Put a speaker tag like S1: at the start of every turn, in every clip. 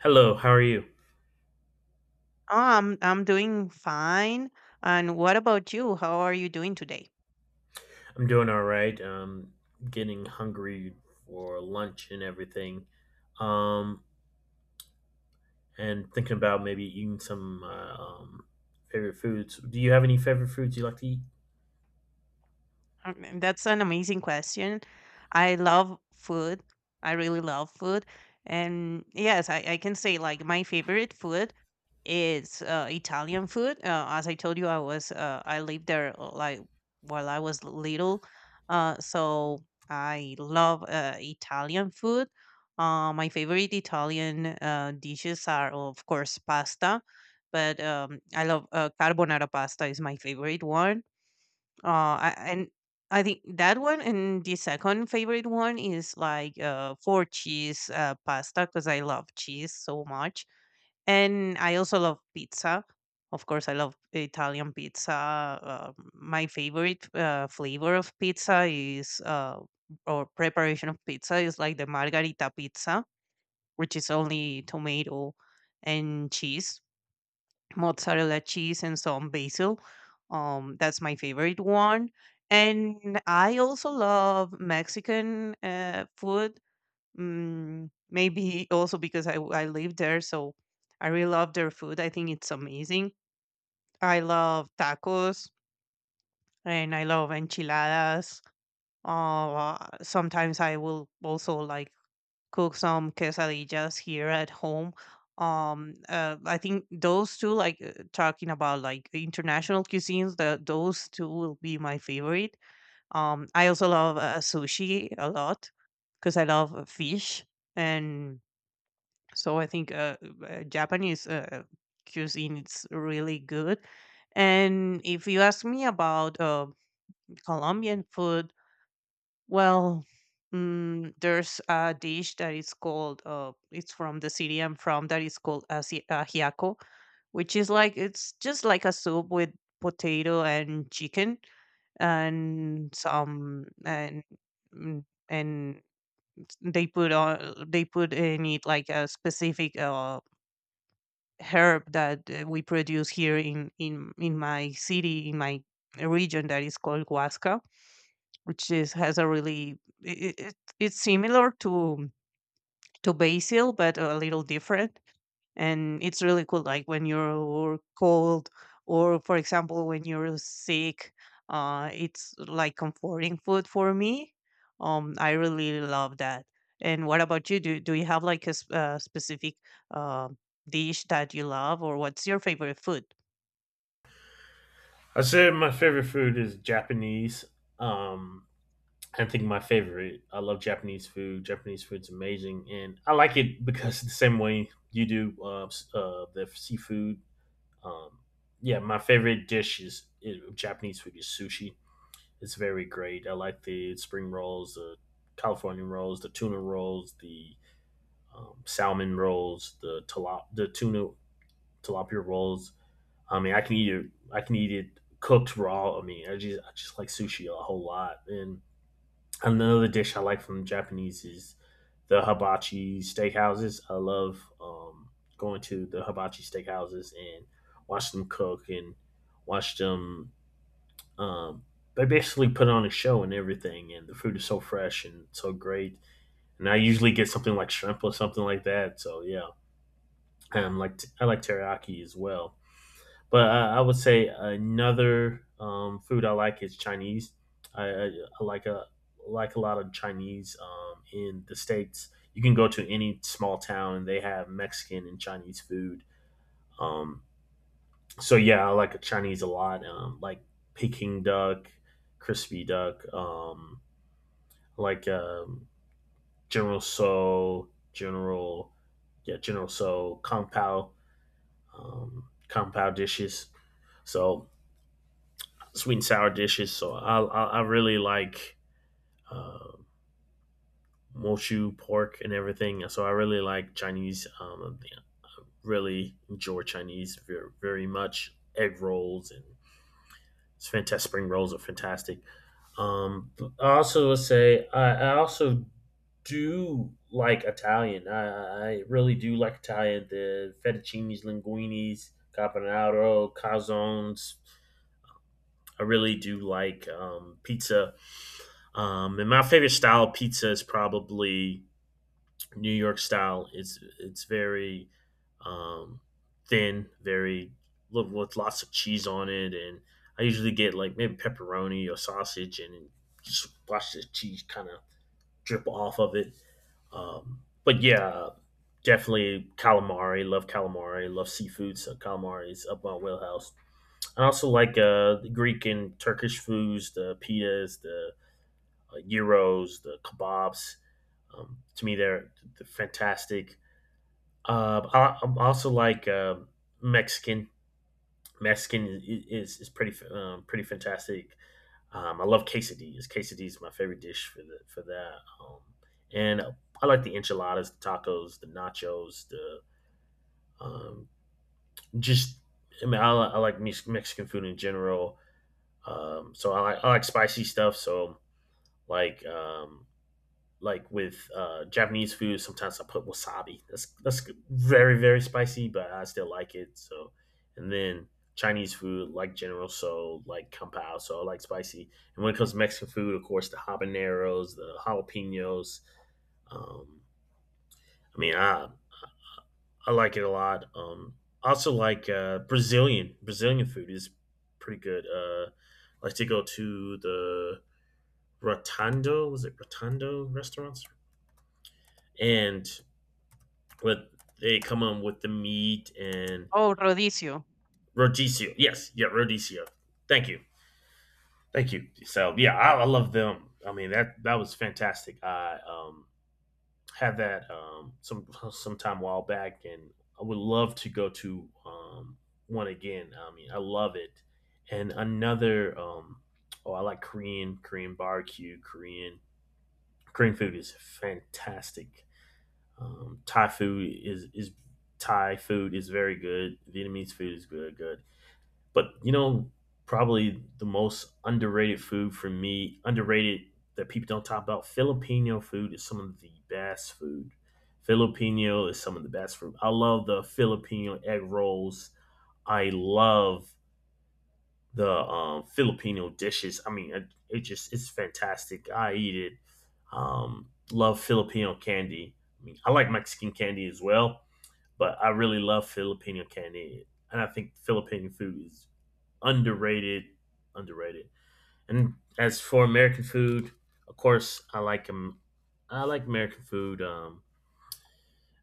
S1: Hello, how are you?
S2: Oh, I'm doing fine. And what about you? How are you doing today?
S1: I'm doing all right. Getting hungry for lunch and everything. Um, and thinking about maybe eating some favorite foods. Do you have any favorite foods you like to eat?
S2: That's an amazing question. I love food. I really love food. And yes, I can say like my favorite food is Italian food. As I told you, I lived there like while I was little, so I love Italian food. My favorite Italian dishes are, of course, pasta, but I love carbonara pasta is my favorite one. And I think that one and the second favorite one is like four cheese pasta because I love cheese so much, and I also love pizza. Of course, I love Italian pizza. My favorite flavor of pizza is or preparation of pizza is like the margarita pizza, which is only tomato and cheese, mozzarella cheese, and some basil. That's my favorite one. And I also love Mexican food. Maybe also because I live there, so I really love their food. I think it's amazing. I love tacos, and I love enchiladas. Sometimes I will also like cook some quesadillas here at home. I think those two, like talking about like international cuisines, those two will be my favorite. I also love sushi a lot because I love fish, and so I think Japanese cuisine is really good. And if you ask me about Colombian food, well, there's a dish that is called, it's from the city I'm from, that is called ajiaco, which is like, it's just like a soup with potato and chicken, and some, and, mm, and they they put in it like a specific herb that we produce here in my city, in my region, that is called huasca, which is has a really — it's similar to basil but a little different, and it's really cool, like when you're cold, or, for example, when you're sick. It's like comforting food for me. I really love that. And what about you? Do you have like a, specific uh, dish that you love, or what's your favorite food?
S1: I said my favorite food is Japanese. Um, I think my favorite. I love Japanese food. Japanese food's amazing, and I like it because the same way you do the seafood. Um, yeah, my favorite dish is Japanese food is sushi. It's very great. I like the spring rolls, the California rolls, the tuna rolls, the salmon rolls, the tuna tilapia rolls. I mean, I can eat it. I can eat it cooked raw. I mean, I just like sushi a whole lot. And another dish I like from Japanese is the hibachi steakhouses. I love going to the hibachi steakhouses and watch them cook and watch them, um, they basically put on a show and everything, and the food is so fresh and so great. And I usually get something like shrimp or something like that. So yeah, like I like teriyaki as well. But I would say another food I like is Chinese. I like a, like a lot of Chinese in the states. You can go to any small town and they have Mexican and Chinese food. Um, so yeah, I like a Chinese a lot. Like, Peking duck, crispy duck. Like General So, yeah, General So, Kung Pao, Kung Pao dishes. So sweet and sour dishes. So I really like uh, mochu pork and everything. So I really like Chinese. Yeah, really enjoy Chinese very much. Egg rolls and it's fantastic. Spring rolls are fantastic. But I also would say I also do like Italian. I really do like Italian. The fettuccinis, linguinis, carbonaro, calzones. I really do like, pizza. And my favorite style of pizza is probably New York style. It's very, um, thin, very, with lots of cheese on it, and I usually get like maybe pepperoni or sausage, and just watch the cheese kind of drip off of it. But yeah, definitely calamari. Love calamari. Love seafood. So calamari is up my wheelhouse. I also like the Greek and Turkish foods, the pitas, the, gyros, the kebabs. To me, they're fantastic. I'm also like, Mexican. Mexican is pretty, pretty fantastic. I love quesadillas. Quesadillas is my favorite dish for the for that. And I like the enchiladas, the tacos, the nachos, the, um, just. I mean, I like Mexican food in general. So I like spicy stuff. So like um, like with Japanese food, sometimes I put wasabi. That's very, very spicy, but I still like it. So, and then Chinese food like General So, like Kung Pao, so I like spicy. And when it comes to Mexican food, of course, the habaneros, the jalapenos. Um, I mean, I like it a lot. I also like Brazilian food is pretty good. I like to go to the Rotundo, was it Rotundo restaurants? And with they come on with the meat and
S2: Oh, rodicio.
S1: rodicio. Yes, yeah, rodicio. Thank you, thank you. So yeah, I love them. I mean, that was fantastic. I, had that, some time a while back, and I would love to go to, one again. I mean, I love it. And another, oh, I like Korean barbecue. Korean food is fantastic. Thai food is Thai food is very good. Vietnamese food is good, good. But probably the most underrated food for me, underrated, that people don't talk about. Filipino food is some of the best food. Filipino is some of the best food. I love the Filipino egg rolls. I love the, Filipino dishes. I mean, it's fantastic. I eat it. Love Filipino candy. I mean, I like Mexican candy as well, but I really love Filipino candy, and I think Filipino food is underrated. Underrated. And as for American food, of course, I like American food. Um,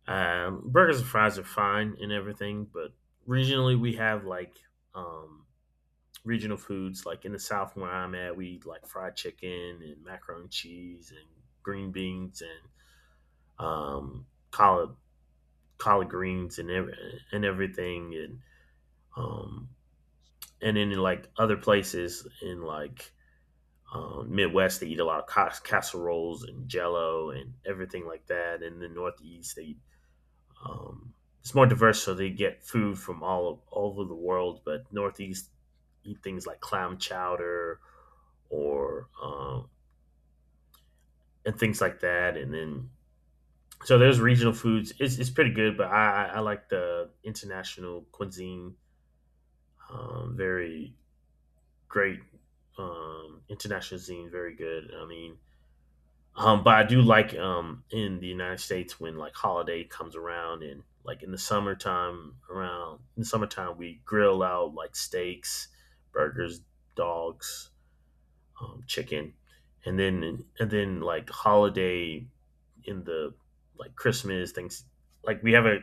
S1: um, Burgers and fries are fine and everything, but regionally we have like, um, regional foods. Like in the South, where I'm at, we eat like fried chicken and macaroni and cheese and green beans and, um, collard collard greens and and everything, and, um, then in like other places in like, Midwest, they eat a lot of casseroles and Jello and everything like that. And the Northeast, they eat. Um, it's more diverse, so they get food from all over the world. But Northeast eat things like clam chowder or, and things like that, and then so there's regional foods. It's pretty good, but I like the international cuisine. Very great, international cuisine, very good. I mean, but I do like, in the United States, when like holiday comes around, and like in the summertime, we grill out like steaks, burgers, dogs, chicken, and then like holiday in the, like, Christmas things, like, we have a,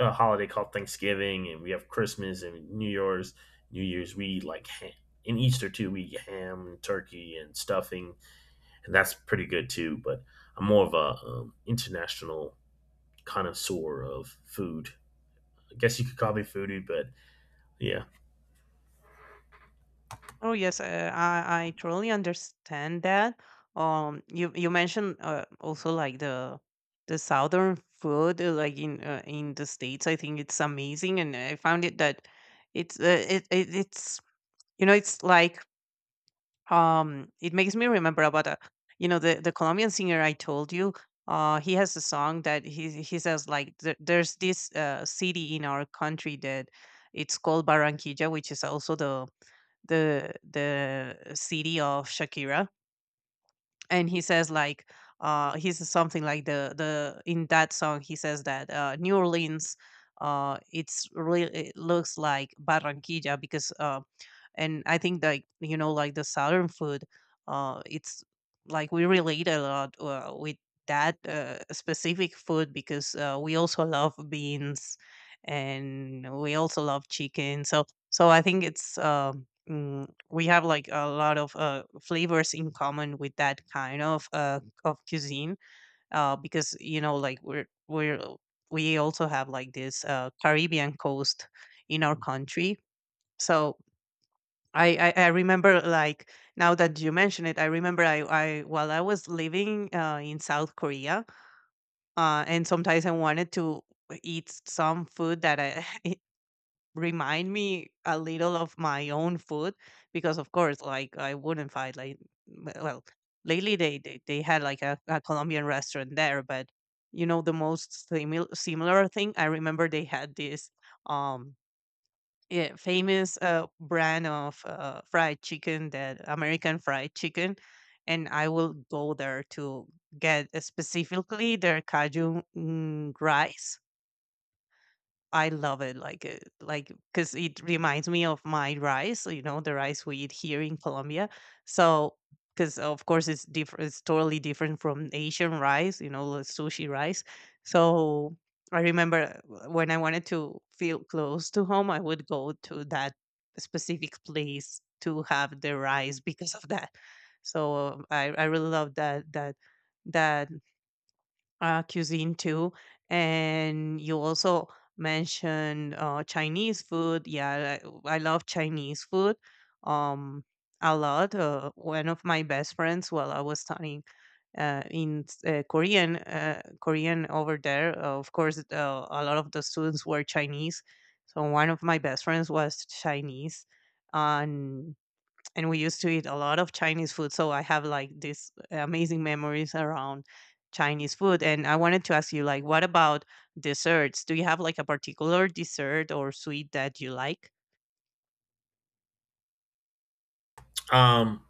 S1: a holiday called Thanksgiving, and we have Christmas and New Year's. We eat like ham. In Easter too we eat ham and turkey and stuffing, and that's pretty good too. But I'm more of a, international connoisseur of food. I guess you could call me foodie, but yeah.
S2: Oh, yes. I truly understand that. You mentioned also like the southern food, like in the states. I think it's amazing, and I found it that it's it, it it's you know it's like it makes me remember about a, the Colombian singer I told you. He has a song that he says like, there's this city in our country that it's called Barranquilla, which is also the city of Shakira. And he says something like, the in that song he says that New Orleans, it's really, it looks like Barranquilla because — and I think, like, you know, like the southern food, it's like we relate a lot with that specific food, because we also love beans, and we also love chicken, so I think we have like a lot of flavors in common with that kind of of cuisine, because, you know, like we're we also have like this Caribbean coast in our country. So, I remember, like, now that you mention it, I remember — I while I was living in South Korea, and sometimes I wanted to eat some food that I remind me a little of my own food, because of course, like, I wouldn't find, like — well, lately they had like a Colombian restaurant there, but, you know, the most similar thing I remember, they had this um yeah, famous brand of fried chicken, that American fried chicken, and I will go there to get specifically their Cajun rice. I love it, like because it reminds me of my rice, you know, the rice we eat here in Colombia. So, because of course it's different, it's totally different from Asian rice, you know, the sushi rice. So I remember, when I wanted to feel close to home, I would go to that specific place to have the rice because of that. So I really love that, that cuisine too. And you also mentioned Chinese food. Yeah, I love Chinese food um, a lot. One of my best friends, while I was studying Korean over there, of course, a lot of the students were Chinese. So one of my best friends was Chinese. And and we used to eat a lot of Chinese food. So I have like these amazing memories around Chinese food. And I wanted to ask you, like, what about desserts? Do you have like a particular dessert or sweet that you like?
S1: Um,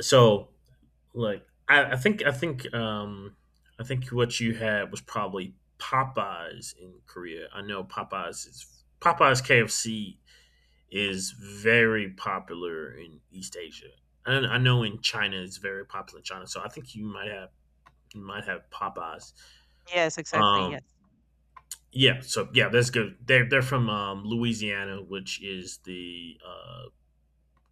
S1: so like, I think I think what you had was probably Popeyes in Korea. I know Popeyes is, Popeyes KFC is very popular in East Asia. And I know in China it's very popular in China, so I think you might have Popeyes.
S2: Yes, exactly. Yes.
S1: Um, Yeah, so yeah, that's good. They're from, Louisiana, which is the, uh,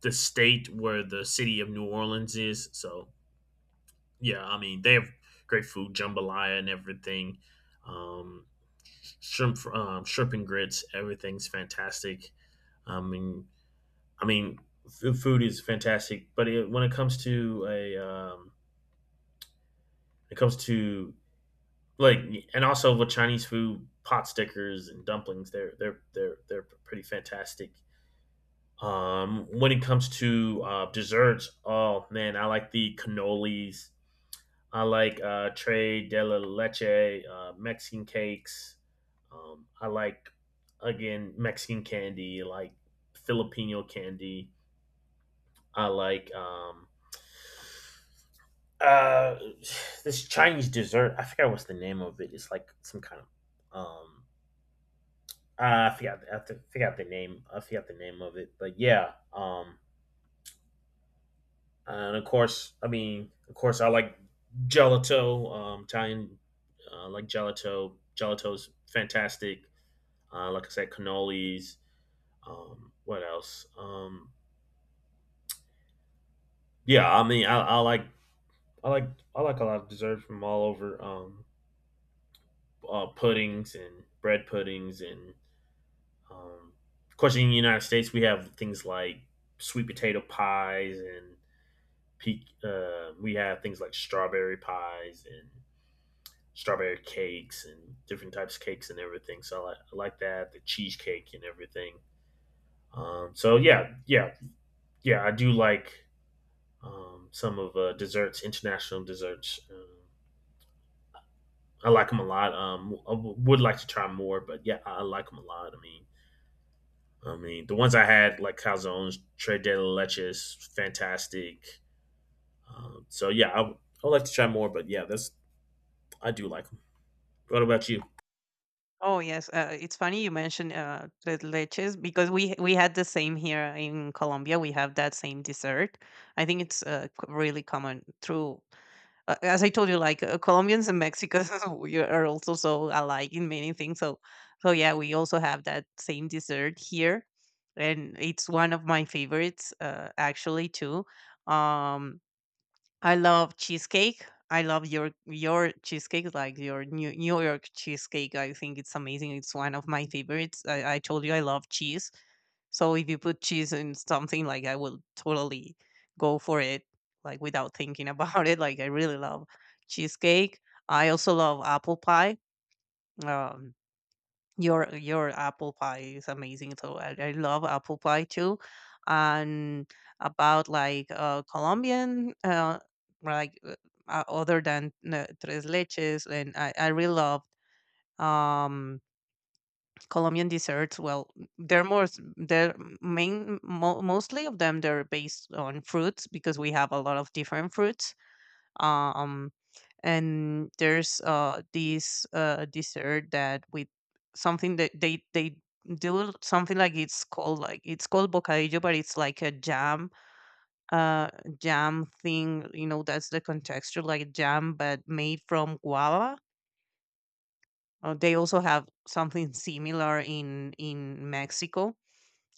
S1: the state where the city of New Orleans is. So yeah, I mean they have great food, jambalaya and everything, um, shrimp and grits. Everything's fantastic. I mean, I mean food is fantastic, but when it comes to a, it comes to like, and also with Chinese food, pot stickers and dumplings, they're pretty fantastic. When it comes to, desserts, oh man, I like the cannolis. I like, tres de la leche, Mexican cakes. I like again Mexican candy, like Filipino candy. I like, uh, this Chinese dessert. I forgot what's the name of it. It's like some kind of, um, I forgot the name. I forgot the name of it, but yeah. And of course, I mean, of course, I like gelato, Italian, like gelato. Gelato's fantastic. Like I said, cannolis. What else? Yeah, I mean, I like, I like a lot of desserts from all over. Puddings and bread puddings, and, um, of course, in the United States, we have things like sweet potato pies and peak. We have things like strawberry pies and strawberry cakes and different types of cakes and everything. So I like that, the cheesecake and everything. So yeah, yeah, yeah, I do like, some of, desserts, international desserts. I like them a lot. Would like to try more, but yeah, I like them a lot. I mean, the ones I had like calzones, tres de leches, fantastic. So yeah, I would like to try more, but yeah, that's I do like them. What about you?
S2: Oh, yes. It's funny you mentioned tres leches because we had the same here in Colombia. We have that same dessert. I think it's really common through, as I told you, like, Colombians and Mexicans, we are also so alike in many things. So, yeah, we also have that same dessert here, and it's one of my favorites, actually, too. Um, I love cheesecake. I love your cheesecake, like your New York cheesecake. I think it's amazing. It's one of my favorites. I told you I love cheese. So if you put cheese in something, like, I will totally go for it, like, without thinking about it. Like, I really love cheesecake. I also love apple pie. Um, your apple pie is amazing. So I love apple pie too. And about like Colombian, like uh, other than tres leches, and I really love um Colombian desserts. Well, they're more s- they're main mo- mostly of them they're based on fruits, because we have a lot of different fruits. um and there's this dessert that with something that they do something, like, it's called bocadillo, but it's like a jam. uh Jam thing, you know, that's the contexture, like jam but made from guava. They also have something similar in Mexico,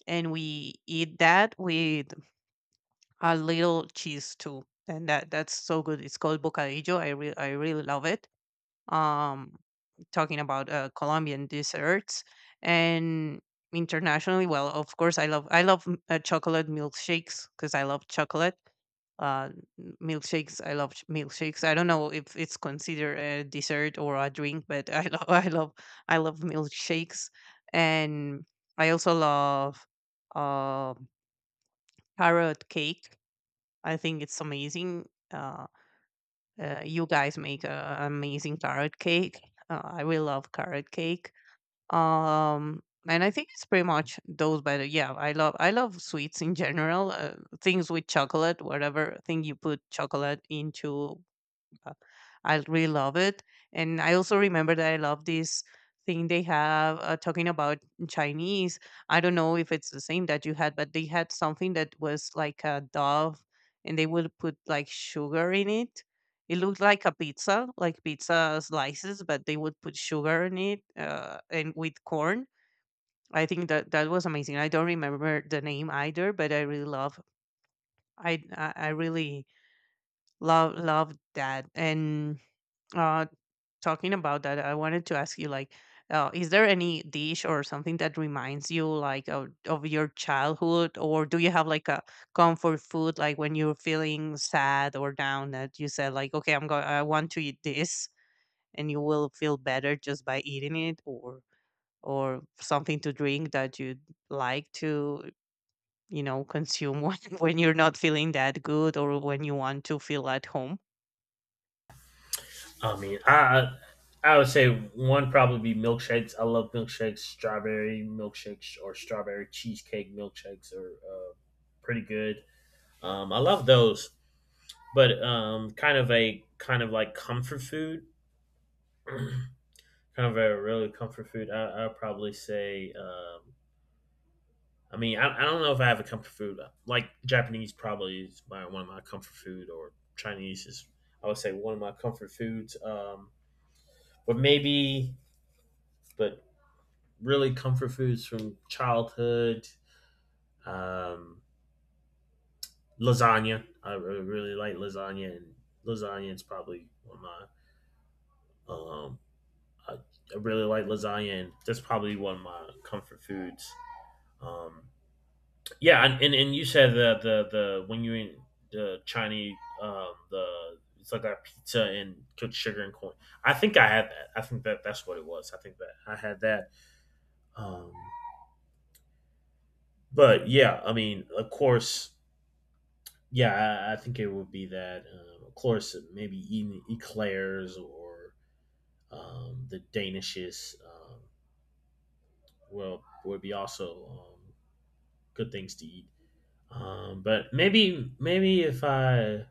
S2: and we eat that with a little cheese too. And that's so good. It's called bocadillo. I really love it. Um, talking about Colombian desserts and internationally — well, of course, I love chocolate milkshakes, because I love chocolate, uh, milkshakes. Milkshakes. I don't know if it's considered a dessert or a drink, but I love I love milkshakes, and I also love uh, carrot cake. I think it's amazing. You guys make an amazing carrot cake. I will love carrot cake. Um, and I think it's pretty much those. But yeah, I love sweets in general. Things with chocolate, whatever thing you put chocolate into, uh, I really love it. And I also remember that I love this thing they have, talking about Chinese. I don't know if it's the same that you had, but they had something that was like a dove, and they would put like sugar in it. It looked like a pizza, like pizza slices, but they would put sugar in it, and with corn. I think that that was amazing. I don't remember the name either, but I really love that. And, uh, talking about that, I wanted to ask you, like, is there any dish or something that reminds you, like, of your childhood, or do you have like a comfort food, like when you're feeling sad or down, that you said, like, okay, I want to eat this, and you will feel better just by eating it, or something to drink that you like to, you know, consume when you're not feeling that good, or when you want to feel at home.
S1: I mean, I would say one probably be milkshakes. I love milkshakes, strawberry milkshakes or strawberry cheesecake milkshakes are, pretty good. I love those, but, kind of like comfort food, kind of a really comfort food. I'd probably say. I mean, I don't know if I have a comfort food. Like Japanese probably is my, one of my comfort food, or Chinese is, I would say, one of my comfort foods. But maybe, but really comfort foods from childhood. Um, Lasagna. I really like lasagna, and lasagna is probably one of my. Um, I, I really like lasagna, and that's probably one of my comfort foods. Um, yeah, and, you said the when you in the Chinese, the it's like that pizza and cooked sugar and corn. I think I had that. I think that that's what it was. I think that I had that. Um, but yeah, I mean, of course, yeah, I think it would be that. Of course, maybe eating eclairs or, the danishes, will would be also, um, good things to eat. But maybe, if I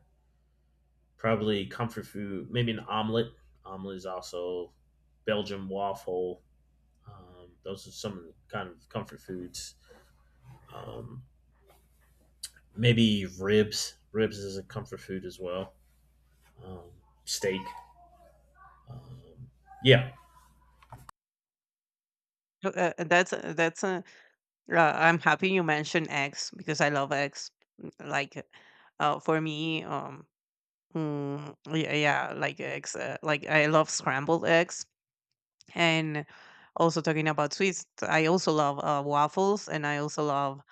S1: probably comfort food, maybe an omelet. Omelet is also Belgian waffle. Those are some kind of comfort foods. Um, Maybe ribs. Ribs is a comfort food as well. Steak. Yeah.
S2: That's a — I'm happy you mentioned eggs because I love eggs. Like, for me, yeah, yeah, like eggs. Like I love scrambled eggs, and also talking about sweets, I also love waffles, and I also love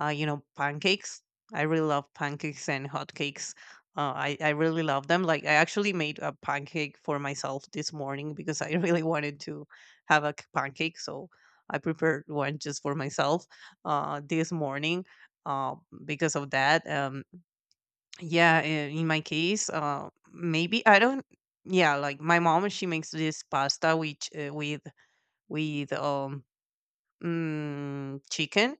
S2: pancakes. I really love pancakes and hotcakes. I really love them. Like, I actually made a pancake for myself this morning because I really wanted to have pancake. So I prepared one just for myself this morning uh, because of that. Yeah, in my case, maybe I don't. Yeah, like my mom, she makes this pasta which with with um chicken,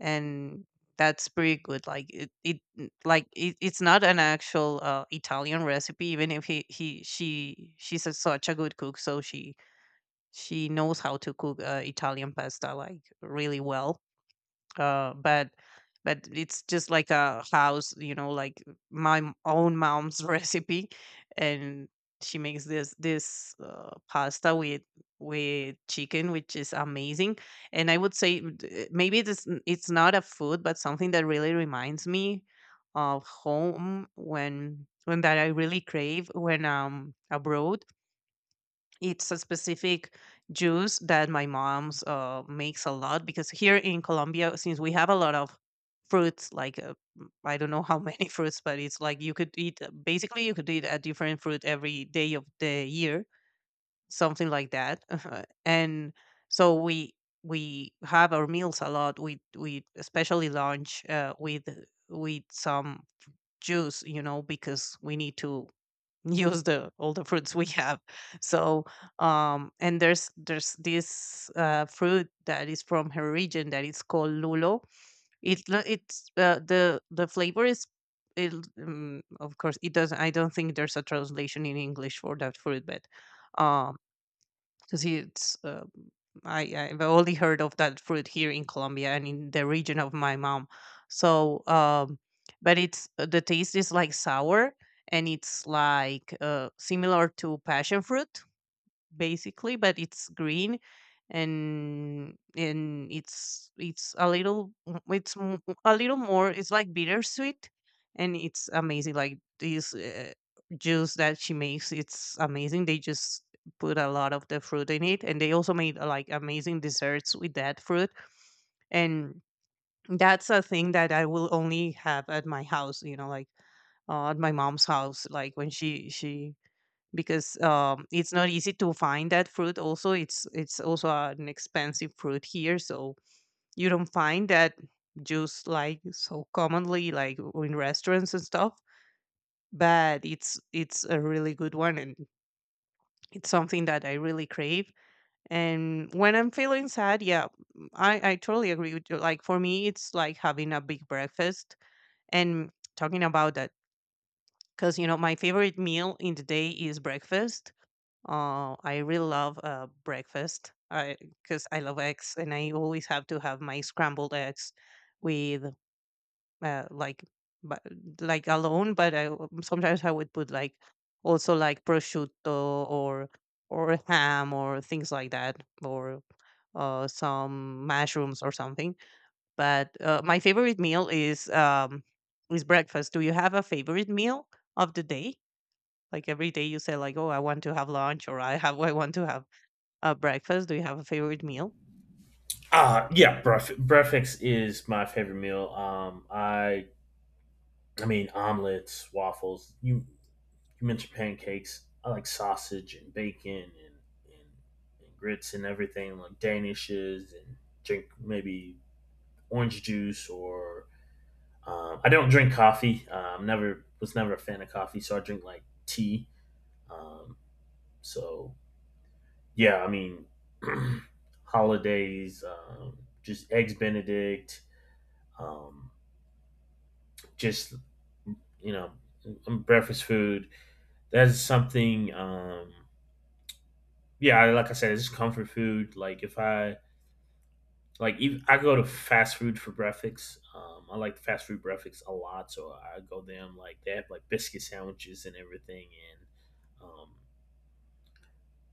S2: and that's pretty good. Like it n- like it, It's not an actual Italian recipe, even if he, he such a good cook, so she knows how to cook Italian pasta like really well, uh, but but it's just like a house, you know, like own mom's recipe, and she makes this pasta with chicken, which is amazing. And I would say, maybe it's not a food, but something that really reminds me of home, when that I really crave when I'm abroad. It's a specific juice that my mom's makes a lot, because here in Colombia, since we have a lot of fruits, like, I don't know how many fruits, but it's like you could eat, basically you could eat a different fruit every day of the year, something like that. And so we have our meals a lot. We especially lunch with some juice, you know, because we need to use the all the fruits we have. So and there's this fruit that is from her region that is called lulo. It's the flavor is, it, of course it doesn't, I don't think there's a translation in English for that fruit, but um because it's, I I've only heard of that fruit here in Colombia and in the region of my mom. So, um, but it's, the taste is like sour, and it's like similar to passion fruit, basically, but it's green, and it's a little, a little more, it's like bittersweet, and it's amazing. Like this juice that she makes, it's amazing. They just put a lot of the fruit in it, and they also made like amazing desserts with that fruit. And that's a thing that I will only have at my house, you know, like, at my mom's house, like when she, because it's not easy to find that fruit. Also, it's also an expensive fruit here, so you don't find that juice like so commonly, like in restaurants and stuff. But it's a really good one, and it's something that I really crave. And when I'm feeling sad, yeah, I totally agree with you. Like for me, it's like having a big breakfast and talking about that, because you know my favorite meal in the day is breakfast. I really love breakfast because I 'cause I love eggs, and I always have to have my scrambled eggs with, uh, like but like alone. But sometimes I would put like also like prosciutto or ham or things like that, or some mushrooms or something. But my favorite meal is, is breakfast. Do you have a favorite meal of the day? Like every day you say like, oh, I want to have lunch, or I want to have breakfast. Do you have a favorite meal?
S1: Breakfast is my favorite meal. I mean omelets, waffles. You mentioned pancakes. I like sausage and bacon and, and, grits and everything, like danishes, and drink maybe orange juice or, I don't drink coffee. Never was never a fan of coffee, so I drink like tea. Um, so yeah, I mean, holidays, just eggs Benedict. Um, just you know Breakfast food. That's something. Yeah, like I said, it's comfort food. Like if I, like, even, I go to fast food for breakfast. I like fast food breakfast a lot, so I go there. I'm like, they have like biscuit sandwiches and everything, and,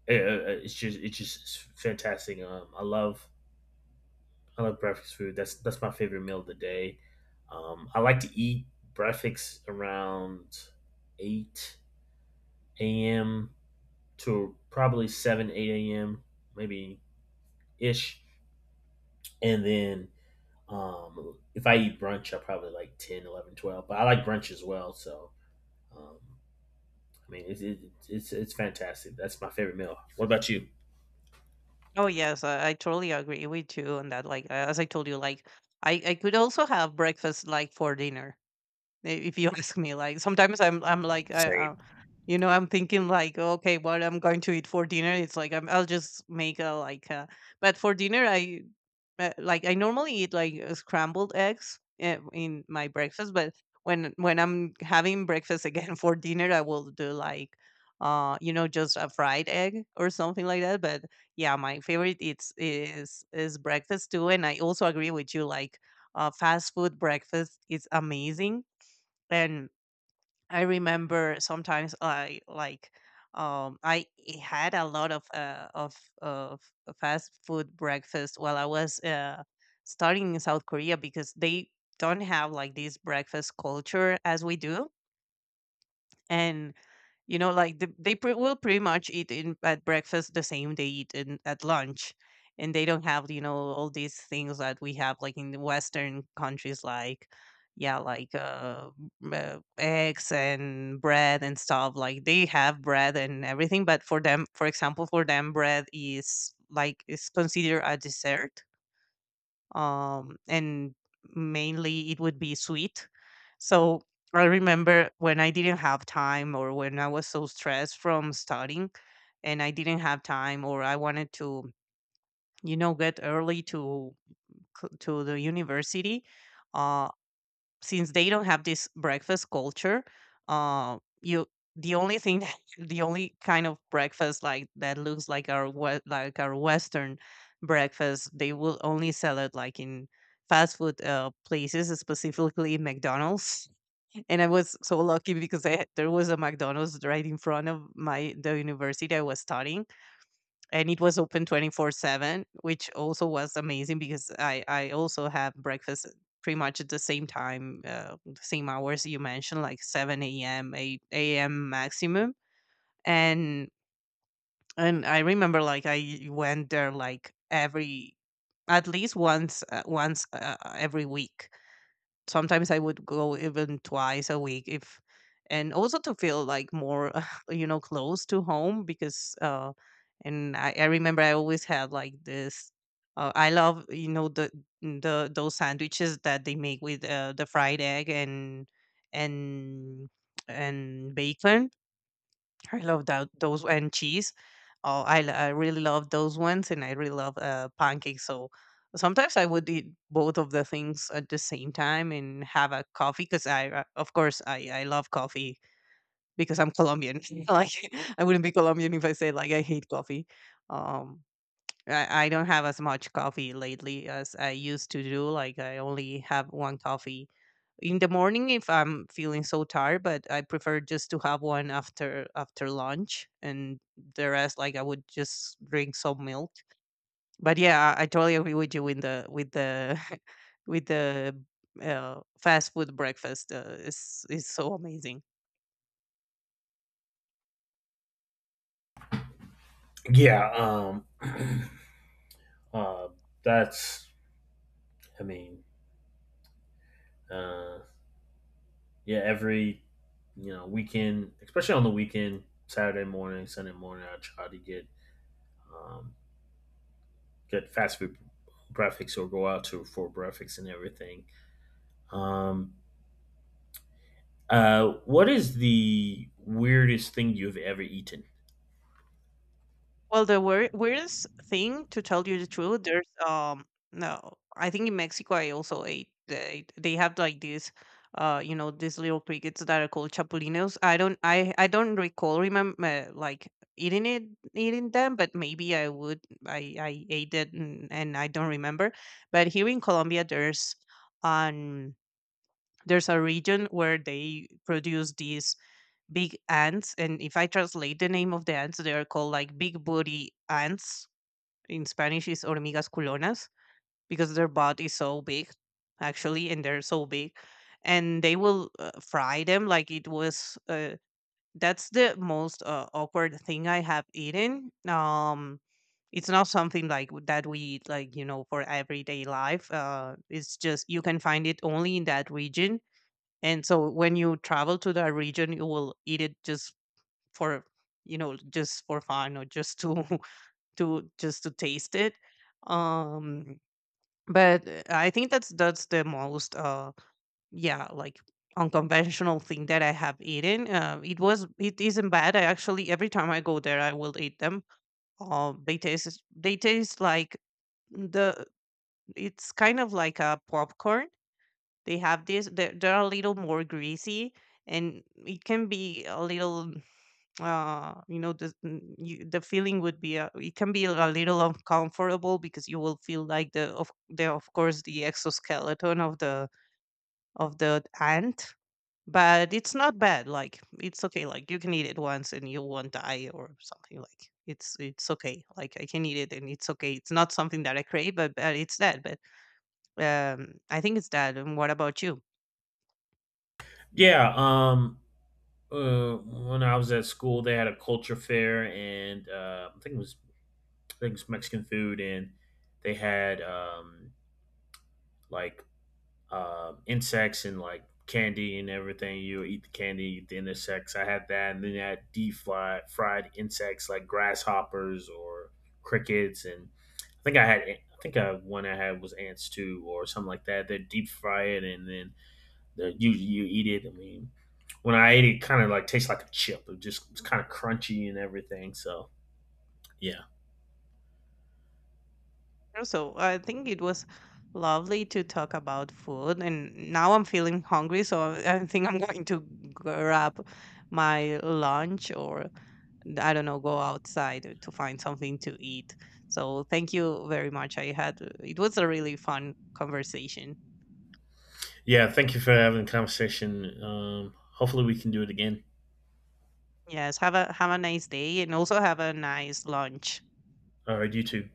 S1: it's just fantastic. I love breakfast food. That's my favorite meal of the day. I like to eat breakfast around 8 a.m. to probably 7, 8 a.m., maybe ish. And then, if I eat brunch, I probably like 10, 11, 12. But I like brunch as well. So, um, I mean, it's fantastic. That's my favorite meal. What about you?
S2: Oh yes, I, totally agree with you on that. Like as I told you, like I, could also have breakfast like for dinner if you ask me. Like sometimes I'm like I,
S1: Same.
S2: you know, I'm thinking like, okay, what I'm going to eat for dinner. It's like I'm, I'll just make a like, but for dinner I, like I normally eat like scrambled eggs in my breakfast, but when I'm having breakfast again for dinner, I will do like, you know, just a fried egg or something like that. But yeah, my favorite it's is breakfast too, and I also agree with you. Like fast food breakfast is amazing, and I remember sometimes I like, had a lot of of fast food breakfast while I was starting in South Korea, because they don't have like this breakfast culture as we do. And you know like they pre- will pretty much eat in at breakfast the same they eat in at lunch, and they don't have, you know, all these things that we have like in the western countries, like, yeah, like, eggs and bread and stuff. Like they have bread and everything, but for them, for example, for them bread is considered a dessert, and mainly it would be sweet. So I remember when I didn't have time, or when I was so stressed from studying and I didn't have time, or I wanted to, you know, get early to to the university. Uh, since they don't have this breakfast culture, you the only thing that, the only kind of breakfast like that looks like our like our Western breakfast, they will only sell it like in fast food places, specifically McDonald's. And I was so lucky because there was a McDonald's right in front of my the university I was studying, and it was open 24/7, which also was amazing because I also have breakfast pretty much at the same time, the same hours you mentioned, like 7 a.m., 8 a.m. maximum. And I remember, like, I went there like every, at least once, once every week. Sometimes I would go even twice a week if, and also to feel like more you know, close to home, because and I, remember I always had like this, I love, you know, the those sandwiches that they make with the fried egg and and and bacon. I love that those, and cheese. Oh, I I really love those ones, and I really love pancakes. So sometimes I would eat both of the things at the same time and have a coffee, because I, of course, I love coffee, because I'm Colombian. Like I wouldn't be Colombian if I said like I hate coffee. Um, I, don't have as much coffee lately as I used to do. Like I only have one coffee in the morning if I'm feeling so tired, but I prefer just to have one after lunch, and the rest, like, I would just drink some milk. But yeah, I, totally agree with you in the with the with the fast food breakfast, is so amazing.
S1: Yeah. Uh, that's, I mean, uh, yeah, every weekend, especially on the weekend, Saturday morning, Sunday morning, I try to um, get fast food breakfast or go out to for breakfast and everything. Um, what is the weirdest thing you've ever eaten?
S2: Well, the weirdest thing, to tell you the truth, there's no, I think in Mexico I also ate, they have like these you know, these little crickets that are called chapulinos. I don't recall remember like eating it eating them, but maybe I would I ate it, and I don't remember. But here in Colombia, um there's a region where they produce these big ants, and if I translate the name of the ants, they are called like big booty ants. In Spanish is hormigas culonas, because their body is so big, actually, and they're so big, and they will, fry them. Like it was, that's the most awkward thing I have eaten. It's not something like that we eat, like, you know, for everyday life. It's just you can find it only in that region, and so when you travel to that region, you will eat it, just for, you know, just for fun, or just to to just to taste it. um but I think that's the most, yeah like unconventional thing that I have eaten. It was it isn't bad. I actually, every time I go there, I will eat them. They taste, like the, it's kind of like a popcorn. They have this, they're, a little more greasy, and it can be a little, you know, the feeling would be, it can be a little uncomfortable, because you will feel like the of course the exoskeleton of the ant. But it's not bad. Like, it's okay. Like, you can eat it once and you won't die or something. Like, it's okay. Like, I can eat it and it's okay. It's not something that I crave, but it's that. But I think it's that. And what about you?
S1: Yeah. When I was at school, they had a culture fair, and, I think it was, Mexican food, and they had, like, insects and like candy and everything. You eat the candy, eat the insects. I had that, and then I had deep fried, fried insects like grasshoppers or crickets, and I think I had. I think I, one I had was ants too, or something like that. They deep fry it and then the, you eat it. I mean, when I ate it, kind of like tastes like a chip. It's kind of crunchy and everything. So yeah,
S2: So I think it was lovely to talk about food, and now I'm feeling hungry, so I think I'm going to grab my lunch, or I don't know, go outside to find something to eat. So thank you very much. I had it was a really fun conversation.
S1: yeah. Thank you for having the conversation. Hopefully we can do it again.
S2: Yes, have a nice day, and also have a nice lunch.
S1: All right, you too.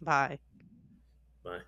S2: Bye.
S1: Bye.